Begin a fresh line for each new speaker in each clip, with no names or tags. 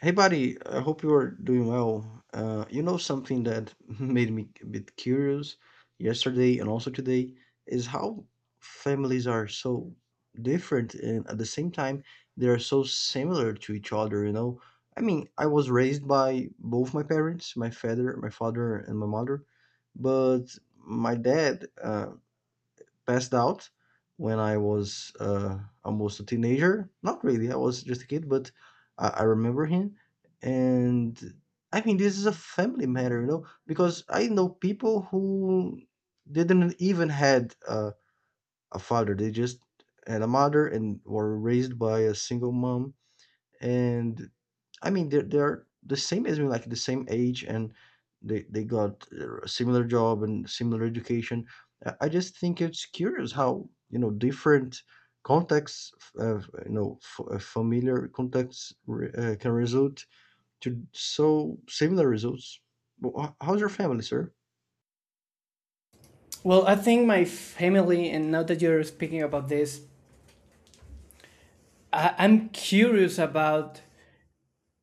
Hey, buddy, I hope you are doing well. Something that made me a bit curious yesterday and also today is how families are so different and at the same time they are so similar to each other, you know. I was raised by both my parents, my father, and my mother, but my dad, passed out when I was almost a teenager. Not really, I was just a kid, but I remember him. And this is a family matter, you know, because I know people who didn't even had a father; they just had a mother and were raised by a single mom. And they're the same as me, like the same age, and they got a similar job and similar education. I just think it's curious how you know different contexts, uh, familiar contexts can result to so similar results. Well, how's your family, sir?
Well, I think my family, and now that you're speaking about this, I'm curious about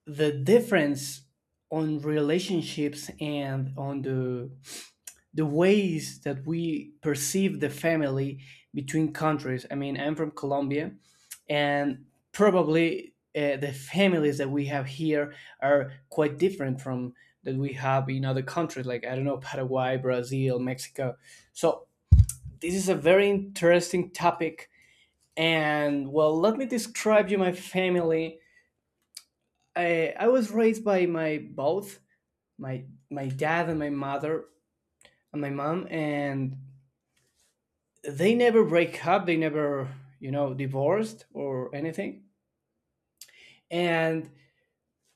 the difference on relationships and on the ways that we perceive the family between countries. I mean, I'm from Colombia, and probably the families that we have here are quite different from that we have in other countries, like I don't know Paraguay, Brazil, Mexico. So this is a very interesting topic. And well, let me describe you my family. I was raised by my both my dad and my mother and my mom, and they never break up. They never divorced or anything. And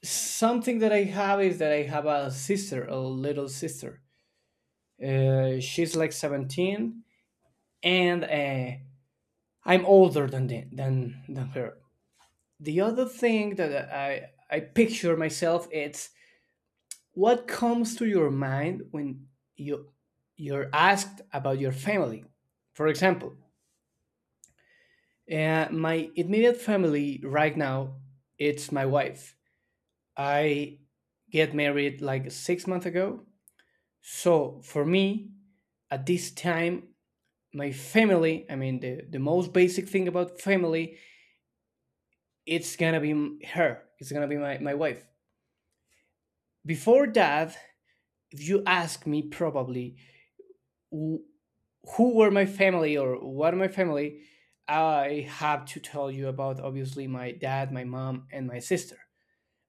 something that I have is that I have a sister, a little sister. She's like 17, and I'm older than than her. The other thing that I picture myself it's what comes to your mind when you you're asked about your family. For example, my immediate family right now it's my wife. I get married like 6 months ago, so for me at this time my family, I mean the most basic thing about family, it's gonna be her, it's gonna be my wife. Before that, if you ask me, probably who were my family or what are my family, I have to tell you about obviously my dad, my mom, and my sister.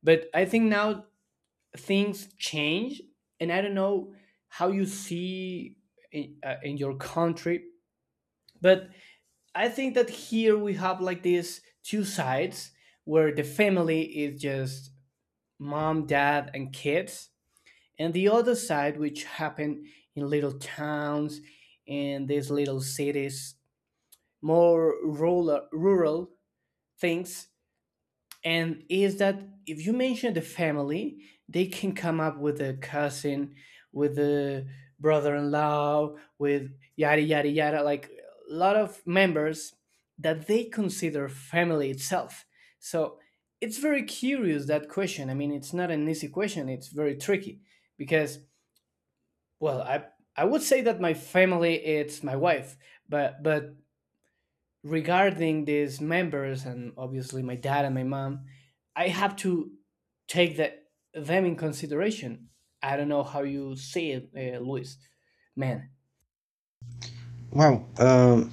But I think now things change, and I don't know how you see in your country. But I think that here we have like these two sides, where the family is just mom, dad, and kids, and the other side which happen in little towns and these little cities, more rural things. And is that if you mention the family, they can come up with a cousin, with a brother-in-law, with yada yada yada, like a lot of members that they consider family itself. So it's very curious that question. I mean, it's not an easy question, it's very tricky. Because well, I would say that my family it's my wife, but regarding these members and obviously my dad and my mom, I have to take that them in consideration. I don't know how you see it, Luis. Man,
Wow.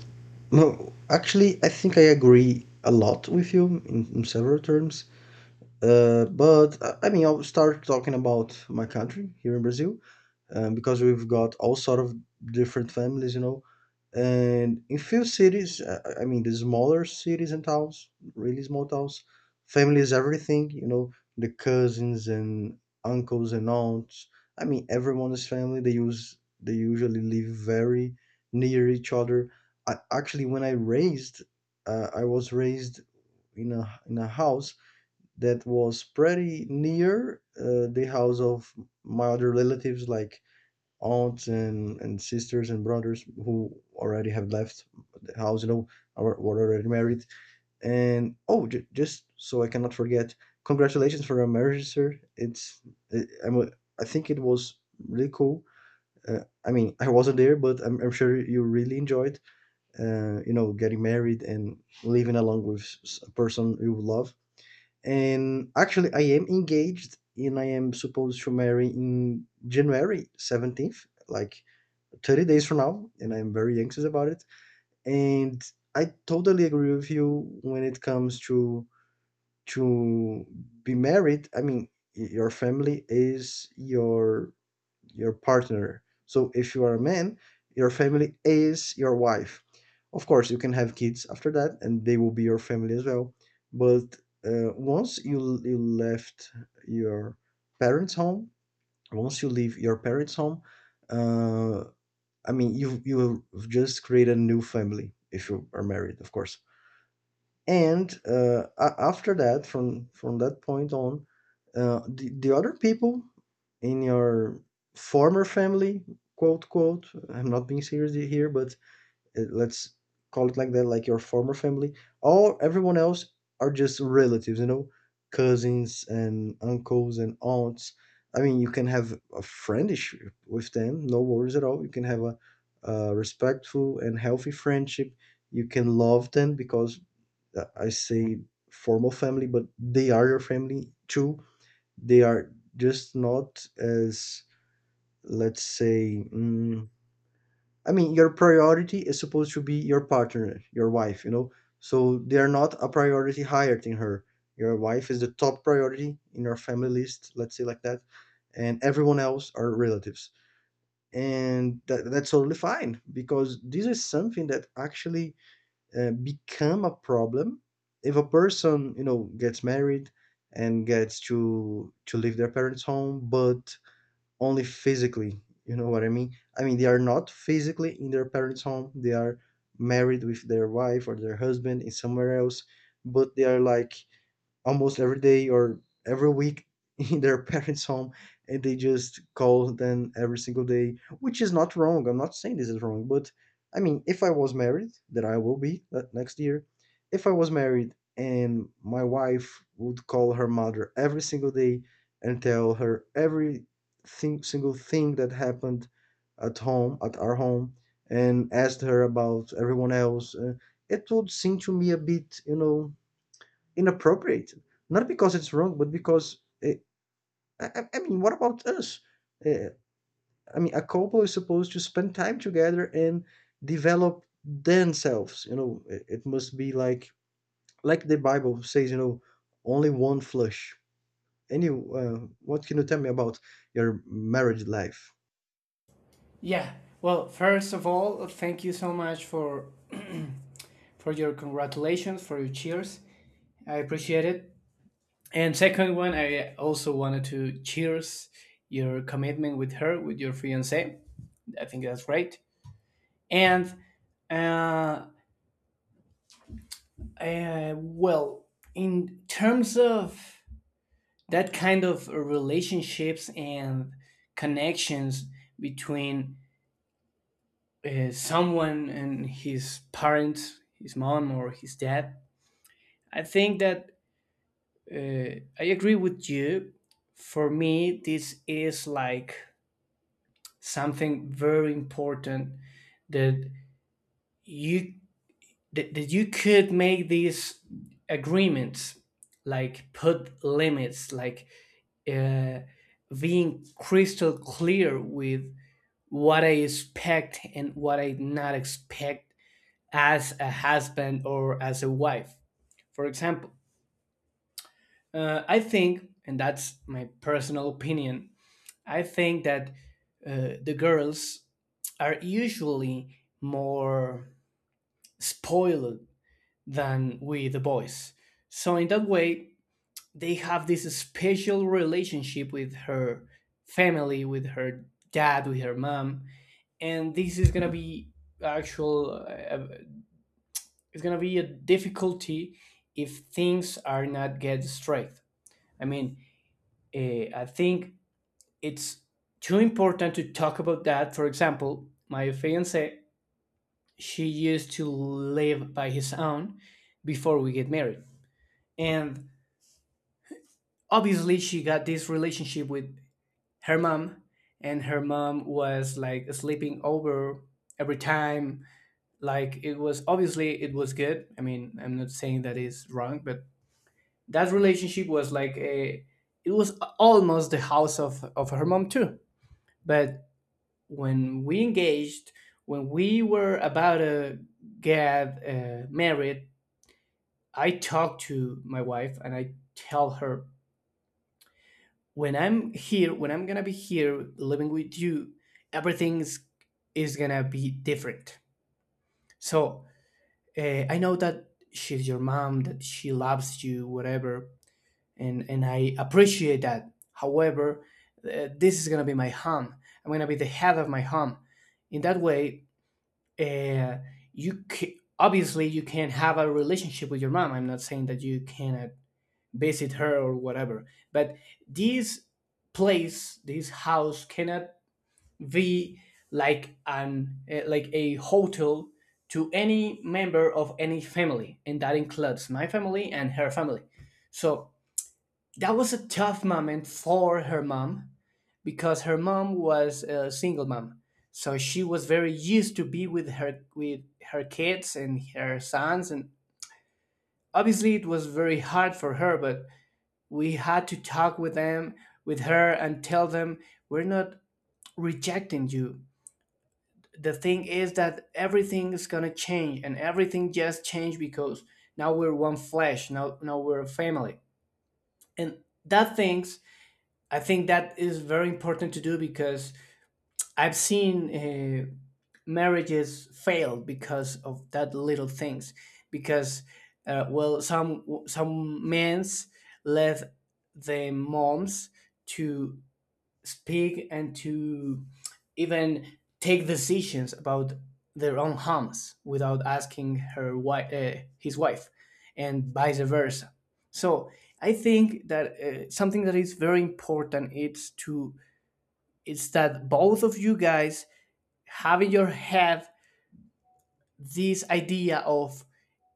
No, actually, I think I agree a lot with you in several terms. I'll start talking about my country here in Brazil. Because we've got all sort of different families, you know. And in few cities, I mean, the smaller cities and towns, really small towns, family is everything, you know, the cousins and uncles and aunts. I mean, everyone is family. They usually live very near each other. I, actually, I was raised in a house that was pretty near the house of my other relatives, like aunts and sisters and brothers who already have left the house, you know, were already married. And oh, just so I cannot forget, congratulations for your marriage, sir. It's I- I'm a- I think it was really cool. I wasn't there, but I'm sure you really enjoyed, getting married and living along with a person you love. And actually, I am engaged, and I am supposed to marry in January 17th, like 30 days from now, and I'm very anxious about it. And I totally agree with you when it comes to to be married. I mean, your family is your partner. So if you are a man, your family is your wife. Of course, you can have kids after that, and they will be your family as well. But once you left your parents' home, once you leave your parents' home, uh, you will just create a new family if you are married, of course. And after that, from that point on, the other people in your former family, quote quote, I'm not being serious here, but let's call it like that, like your former family. Or everyone else are just relatives, you know, cousins and uncles and aunts. I mean, you can have a friendship with them, no worries at all. You can have a respectful and healthy friendship. You can love them because I say formal family, but they are your family too. They are just not as let's say. I mean, your priority is supposed to be your partner, your wife, you know? So they're not a priority higher than her. Your wife is the top priority in your family list, let's say like that, and everyone else are relatives. And that's totally fine because this is something that actually become a problem if a person, you know, gets married and gets to leave their parents' home, but only physically, you know what I mean? I mean, they are not physically in their parents' home. They are married with their wife or their husband in somewhere else, but they are like almost every day or every week in their parents' home and they just call them every single day, which is not wrong. I'm not saying this is wrong, but I mean, if I was married, that I will be next year, if I was married and my wife would call her mother every single day and tell her single thing that happened at home, at our home, and asked her about everyone else, it would seem to me a bit, you know, inappropriate, not because it's wrong, but because uh, I mean, what about us? Uh, a couple is supposed to spend time together and develop themselves. You know, it must be like the Bible says. You know, only one flesh. Any, what can you tell me about your marriage life?
yeah. Well, first of all, thank you so much for for your congratulations, for your cheers. I appreciate it. And second one, I also wanted to cheers your commitment with her, with your fiance. I think that's great. And uh, well, in terms of that kind of relationships and connections between someone and his parents, his mom or his dad, I think that I agree with you. For me, this is like something very important that you that you could make these agreements, like put limits, like uh, being crystal clear with what I expect and what I not expect as a husband or as a wife. For example, I think, and that's my personal opinion, I think that the girls are usually more spoiled than with the boys. So in that way, they have this special relationship with her family, with her dad, with her mom, and this is gonna be actual. It's gonna be a difficulty if things are not get straight. I mean, I think it's too important to talk about that. For example, my fiance, she used to live by his own before we get married, and obviously she got this relationship with her mom, and her mom was like sleeping over every time. Like it was obviously it was good, I mean, I'm not saying that is wrong, but that relationship was like a, it was almost the house of her mom too. But when we engaged, when we were about to get married, I talked to my wife and I tell her, when I'm here, when I'm gonna be here living with you, everything's is gonna be different. So I know that she's your mom, that she loves you, whatever, and I appreciate that. However, this is gonna be my home. I'm gonna be the head of my home. In that way, uh, you obviously you can have a relationship with your mom. I'm not saying that you cannot visit her or whatever. But this place, this house, cannot be like an like a hotel to any member of any family, and that includes my family and her family. So that was a tough moment for her mom because her mom was a single mom. So she was very used to be with her, with her kids and her sons, and obviously it was very hard for her. But we had to talk with them, with her, and tell them, we're not rejecting you. The thing is that everything is going to change, and everything just changed because now we're one flesh, now we're a family. And that things, I think that is very important to do because I've seen marriages fail because of that little things. Because well, some men's left the moms to speak and to even take decisions about their own homes without asking his wife, and vice versa. So I think that something that is very important is to, it's that both of you guys have in your head this idea of,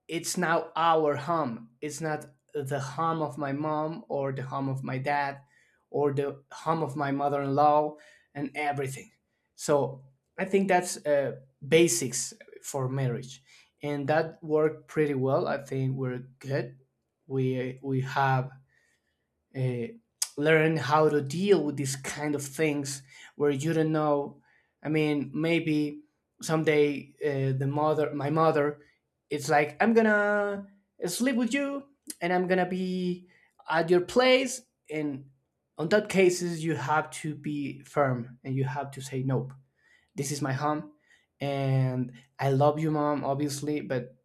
it's now our home. It's not the home of my mom or the home of my dad or the home of my mother-in-law and everything. So I think that's basics for marriage, and that worked pretty well. I think we're good. We have uh, learn how to deal with these kind of things where you don't know. I mean, maybe someday the mother my mother it's like, I'm gonna sleep with you, and I'm gonna be at your place. And on that cases, you have to be firm and you have to say nope, this is my home. And I love you mom obviously, but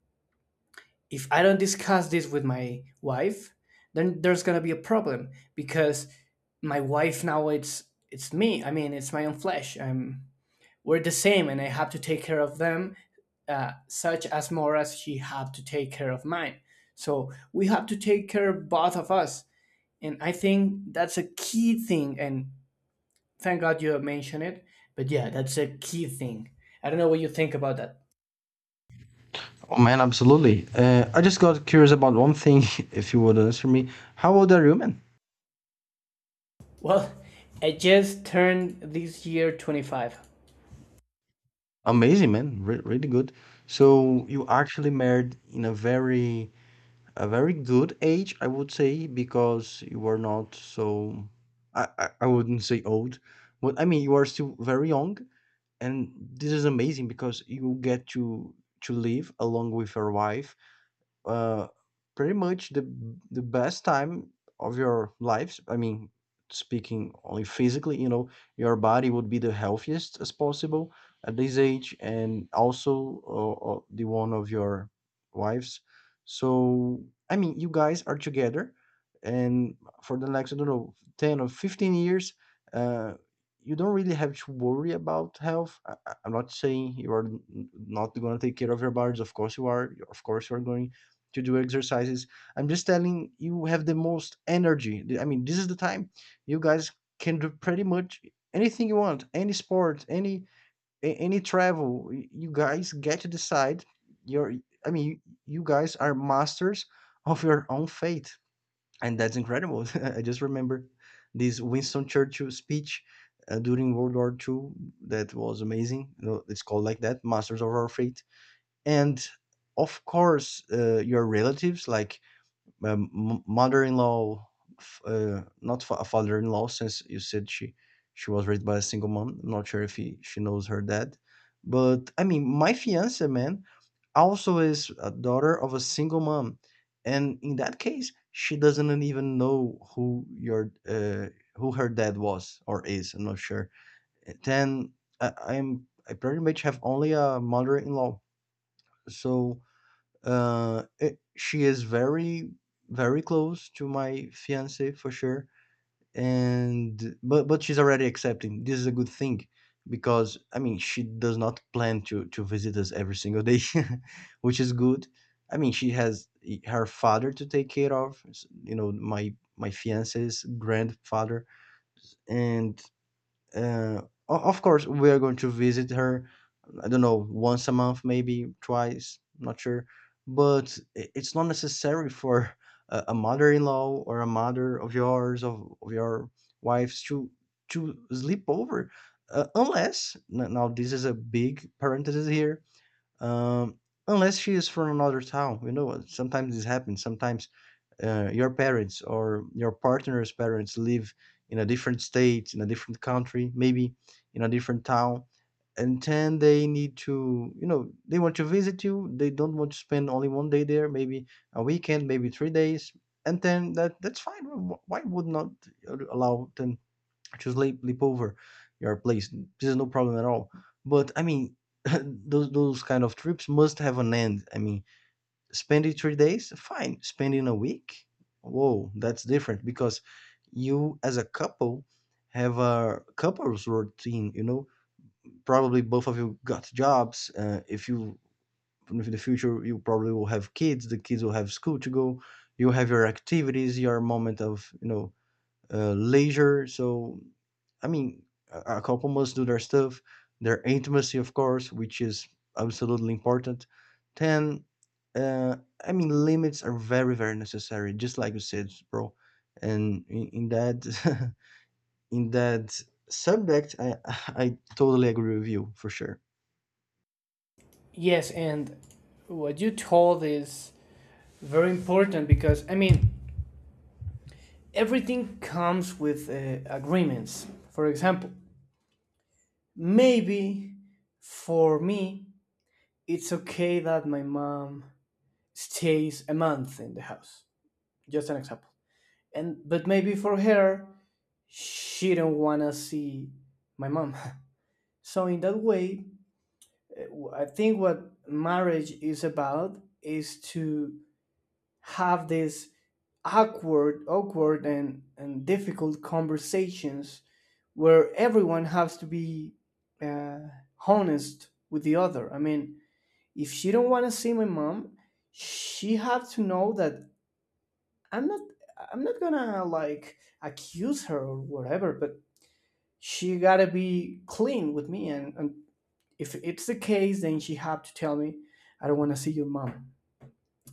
if I don't discuss this with my wife, then there's gonna be a problem. Because my wife now it's me. I mean, it's my own flesh. I'm We're the same, and I have to take care of them, such as more as she have to take care of mine. So we have to take care of both of us, and I think that's a key thing. And thank God you mentioned it. But yeah, that's a key thing. I don't know what you think about that.
Oh man, absolutely. I just got curious about one thing, if you would answer me. How old are you, man?
Well, I just turned this year 25.
Amazing, man. Really good. So you actually married in a very good age, I would say, because you are not so I wouldn't say old, but I mean you are still very young, and this is amazing because you get to live along with your wife uh, pretty much the best time of your life. I mean, speaking only physically, you know, your body would be the healthiest as possible at this age, and also the one of your wives. So, I mean, you guys are together, and for the next, I don't know, 10 or 15 years, uh, you don't really have to worry about health. I'm not saying you are not going to take care of your bodies. Of course you are. Of course you are going to do exercises. I'm just telling you have the most energy. I mean, this is the time you guys can do pretty much anything you want, any sport, any travel. You guys get to decide your I mean, you, guys are masters of your own fate. And that's incredible. I just remember this Winston Churchill speech during World War Two. That was amazing. You know, it's called like that, Masters of Our Fate. And of course, your relatives, like my mother-in-law f- not fa- a father-in-law since you said she was raised by a single mom, I'm not sure if she knows her dad, but I mean my fiance man also is a daughter of a single mom, and in that case she doesn't even know who your who her dad was or is, I'm not sure. Then I pretty much have only a mother-in-law, so she is very, very close to my fiancé for sure, and but she's already accepting. This is a good thing because I mean she does not plan to visit us every single day, which is good. I mean she has her father to take care of, you know my my fiance's grandfather, and uh, of course we are going to visit her, I don't know, once a month, maybe twice, not sure, but it's not necessary for a mother-in-law or a mother of yours of your wives to sleep over, unless now this is a big parenthesis here. um, Unless she is from another town, you know, sometimes this happens. Sometimes your parents or your partner's parents live in a different state, in a different country, maybe in a different town, and then they need to, you know, they want to visit you. They don't want to spend only one day there, maybe a weekend, maybe 3 days, and then that that's fine. Why would not allow them just leap over your place. This is no problem at all. But I mean, those kind of trips must have an end. I mean, spending 3 days, fine. Spending a week, whoa, that's different because you as a couple have a couples routine. You know, probably both of you got jobs. If you in the future, you probably will have kids. The kids will have school to go. You have your activities, your moment of you know leisure. So I mean, a couple must do their stuff, their intimacy, of course, which is absolutely important. Then, uh, limits are very, very necessary, just like you said, bro. And in that, in that subject, I totally agree with you for sure.
Yes, and what you told is very important because, I mean, everything comes with agreements. For example, maybe for me, it's okay that my mom stays a month in the house. Just an example. And but maybe for her, she don't wanna see my mom. So in that way, I think what marriage is about is to have this awkward, and difficult conversations where everyone has to be uh, honest with the other. I mean, if she don't want to see my mom, she have to know that I'm not I'm not gonna like accuse her or whatever, but she gotta be clean with me. And if it's the case, then she have to tell me, I don't want to see your mom.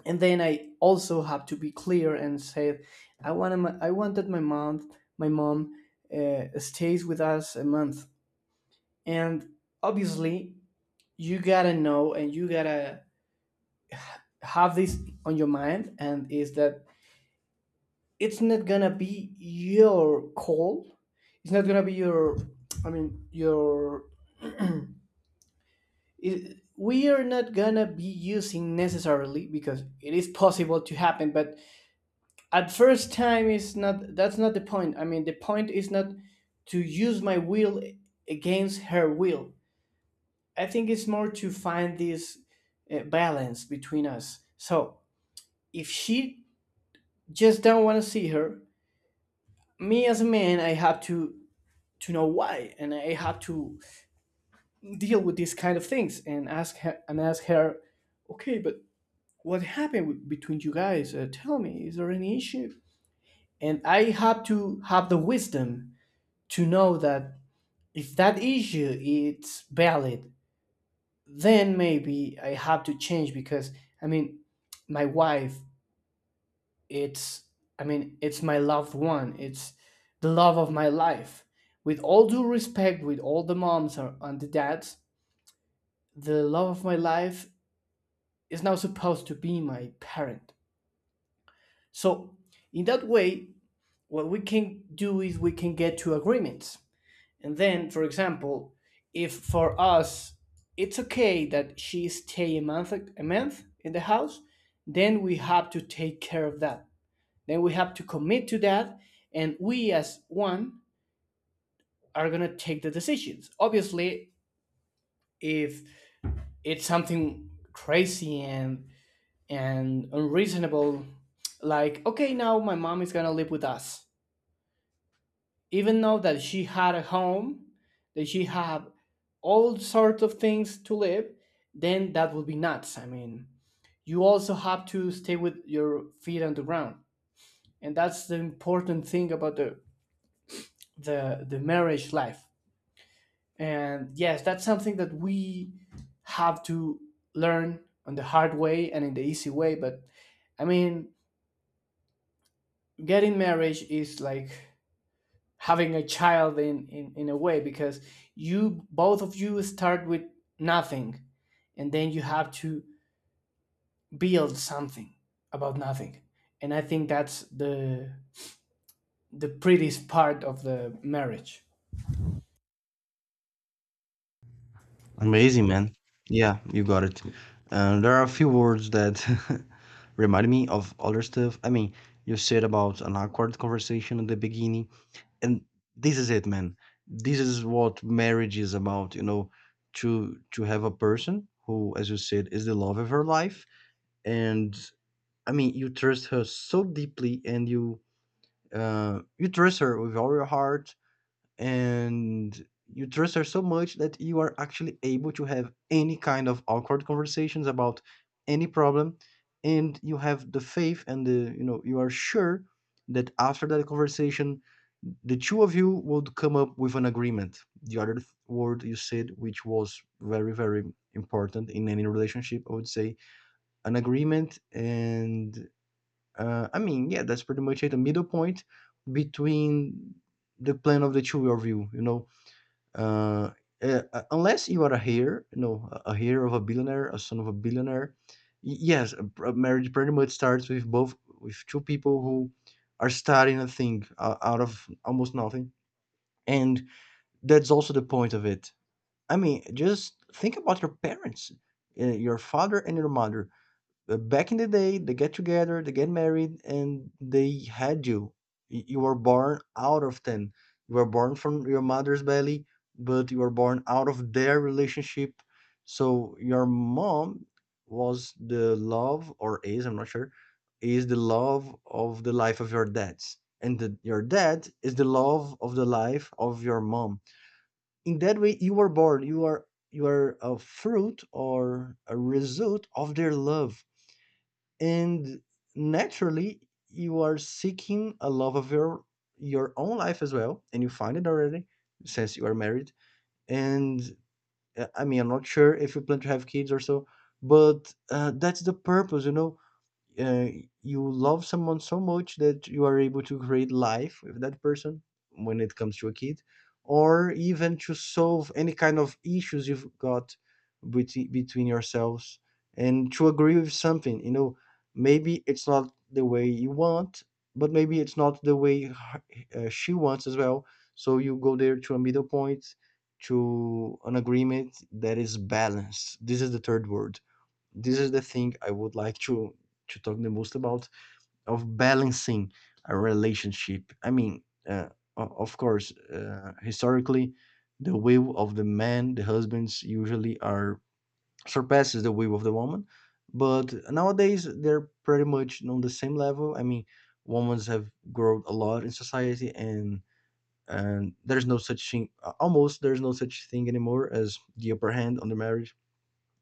And then I also have to be clear and say, I want that my mom stays with us a month. And obviously you gotta know and you gotta have this on your mind, and is that it's not gonna be your call, it's not gonna be your your, it, we are not gonna be using necessarily because it is possible to happen, but at first time is not, that's not the point. I mean, the point is not to use my will against her will. I think it's more to find this balance between us. So if she just don't want to see her, me as a man, I have to know why, and I have to deal with these kind of things and ask her, okay, but what happened between you guys? Tell me, is there any issue? And I have to have the wisdom to know that if that issue it's valid, then maybe I have to change. Because I mean, my wife it's, I mean, it's my loved one, it's the love of my life, with all due respect with all the moms and the dads, the love of my life is now supposed to be my parent. So in that way, what we can do is we can get to agreements. And then, for example, if for us it's okay that she stay a month in the house, then we have to take care of that. Then we have to commit to that, and we as one are gonna take the decisions. Obviously, if it's something crazy and unreasonable, like okay, now my mom is gonna live with us, even though that she had a home, that she had all sorts of things to live, then that would be nuts. I mean, you also have to stay with your feet on the ground, and that's the important thing about the marriage life. And yes, that's something that we have to learn on the hard way and in the easy way. But I mean, getting marriage is like having a child in a way, because you both of you start with nothing, and then you have to build something about nothing. And I think that's the prettiest part of the marriage.
Amazing, man. Yeah, you got it. There are a few words that remind me of other stuff. I mean, you said about an awkward conversation at the beginning. And this is it, man. This is what marriage is about, you know, to have a person who, as you said, is the love of her life. And I mean, you trust her so deeply, and you, you trust her with all your heart. And you trust her so much that you are actually able to have any kind of awkward conversations about any problem. And you have the faith, and the you are sure that after that conversation, the two of you would come up with an agreement, the other word you said, which was very, very important in any relationship, I would say. An agreement. And I mean, yeah, that's pretty much it, a middle point between the plan of the two of you, you know. uh, Unless you are a heir, you know, a heir of a billionaire, a son of a billionaire. Yes, a, a marriage pretty much starts with both, with two people who are starting a thing, out of almost nothing, and that's also the point of it. I mean, just think about your parents, your father and your mother. Back in the day, they get together, they get married, and they had you. You were born out of them. You were born from your mother's belly, but you were born out of their relationship. So your mom was the love, or is, I'm not sure, is the love of the life of your dad's. And the, your dad is the love of the life of your mom. In that way, you were born. You are a fruit or a result of their love. And naturally, you are seeking a love of your own life as well, and you find it already, since you are married. And I mean, I'm not sure if you plan to have kids or so, but that's the purpose, you know. uh, you love someone so much that you are able to create life with that person, when it comes to a kid, or even to solve any kind of issues you've got between yourselves, and to agree with something. You know, maybe it's not the way you want, but maybe it's not the way she wants as well. So you go there to a middle point, to an agreement that is balanced. This is the third word. This is the thing I would like to talk the most about, of balancing a relationship. I mean, uh, of course, historically, the will of the man, the husbands usually are, surpasses the will of the woman, but nowadays they're pretty much on the same level. I mean, women have grown a lot in society and. And there's no such thing, almost there's no such thing anymore as the upper hand on the marriage,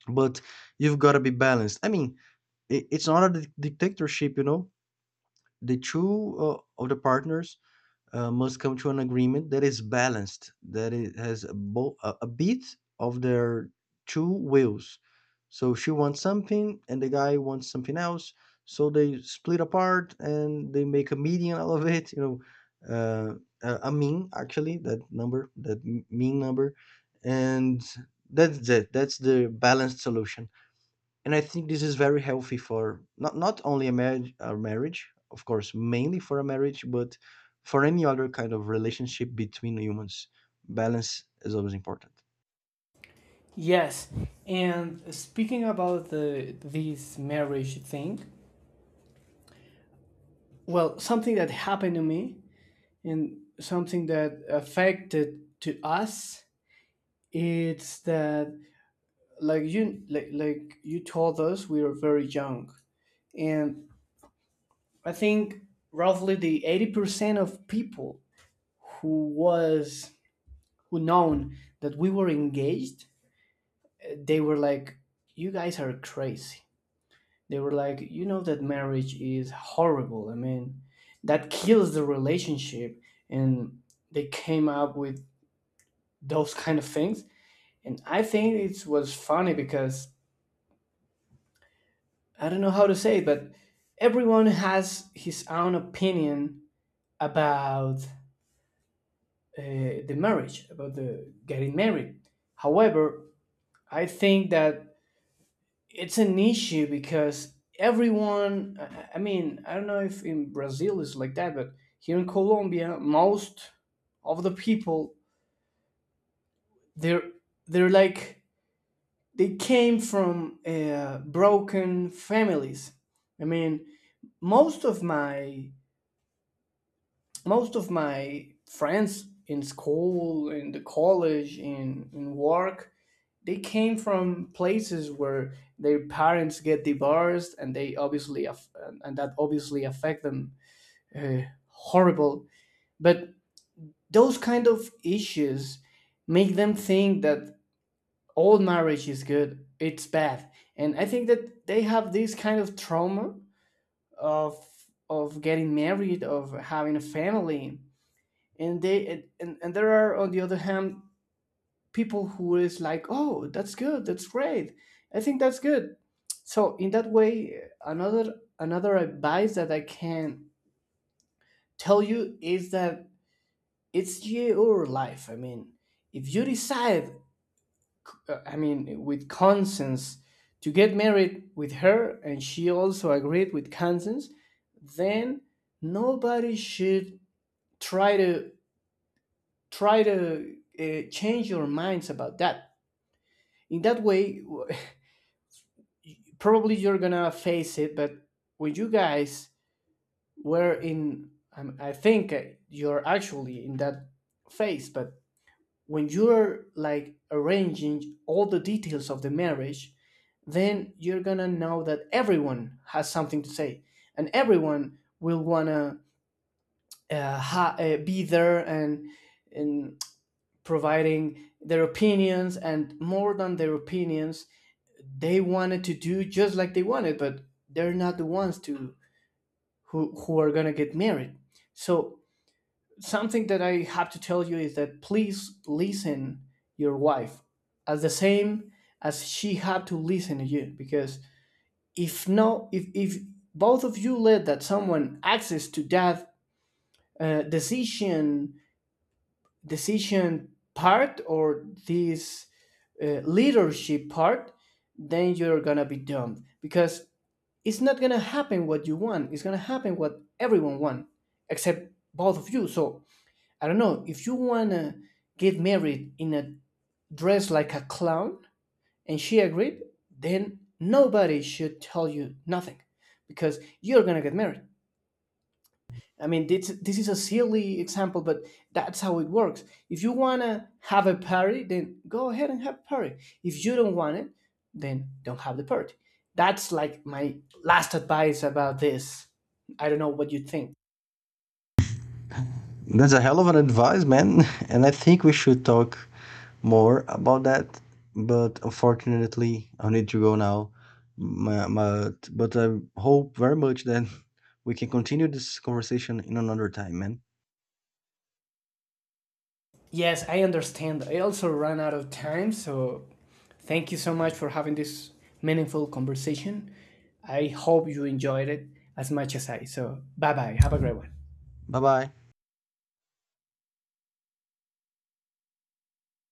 but you've got to be balanced. I mean, it's not a dictatorship, you know. The two of the partners must come to an agreement that is balanced, that it has a, a bit of their two wills. So she wants something, and the guy wants something else. So they split apart and they make a median out of it. You know, a mean, actually, that number, that mean number, and that's it. That's the balanced solution. And I think this is very healthy for not only a marriage, of course, mainly for a marriage, but for any other kind of relationship between humans. Balance is always important.
Yes. And speaking about the this marriage thing, well, something that happened to me and something that affected to us, it's that, like you told us, we were very young. And I think roughly the 80% of people who was, who known that we were engaged, they were like, you guys are crazy. They were like, you know that marriage is horrible. I mean, that kills the relationship. And they came up with those kind of things. And I think it was funny because I don't know how to say it, but everyone has his own opinion about uh, the marriage, about the getting married. However, I think that it's an issue because everyone. I mean, I don't know if in Brazil it's like that, but here in Colombia, most of the people, they're they're like, they came from broken families. I mean, most of my most of my friends in school, in the college, in work, they came from places where their parents get divorced, and they obviously and that obviously affect them horrible. But those kind of issues make them think that all marriage is good, it's bad. And I think that they have this kind of trauma of of getting married, of having a family. And they and there are, on the other hand, people who is like, oh, that's good, that's great, I think that's good. So in that way, another advice that I can tell you is that it's your life. I mean, if you decide, I mean with conscience, to get married with her, and she also agreed with conscience, then nobody should try to try to change your minds about that. In that way, probably you're gonna face it, but when you guys were in, I think you're actually in that phase, but when you're like arranging all the details of the marriage, then you're gonna know that everyone has something to say, and everyone will wanna be there and providing their opinions. And more than their opinions, they wanted to do just like they wanted, but they're not the ones to who are gonna get married. So something that I have to tell you is that please listen your wife as the same as she had to listen to you. Because if no if if both of you let that someone access to that uh, decision decision part, or this leadership part, then you're gonna be doomed, because it's not gonna happen what you want. It's gonna happen what everyone want, except both of you. So I don't know, if you wanna get married in a dress like a clown, and she agreed, then nobody should tell you nothing, because you're gonna get married. I mean, this is a silly example, but that's how it works. If you want to have a party, then go ahead and have a party. If you don't want it, then don't have the party. That's like my last advice about this. I don't know what you think.
That's a hell of an advice, man. And I think we should talk more about that. But unfortunately, I need to go now. But I hope very much that we can continue this conversation in another time, man.
Yes, I understand. I also ran out of time, so thank you so much for having this meaningful conversation. I hope you enjoyed it as much as I. So, bye bye. Have a great one.
Bye bye.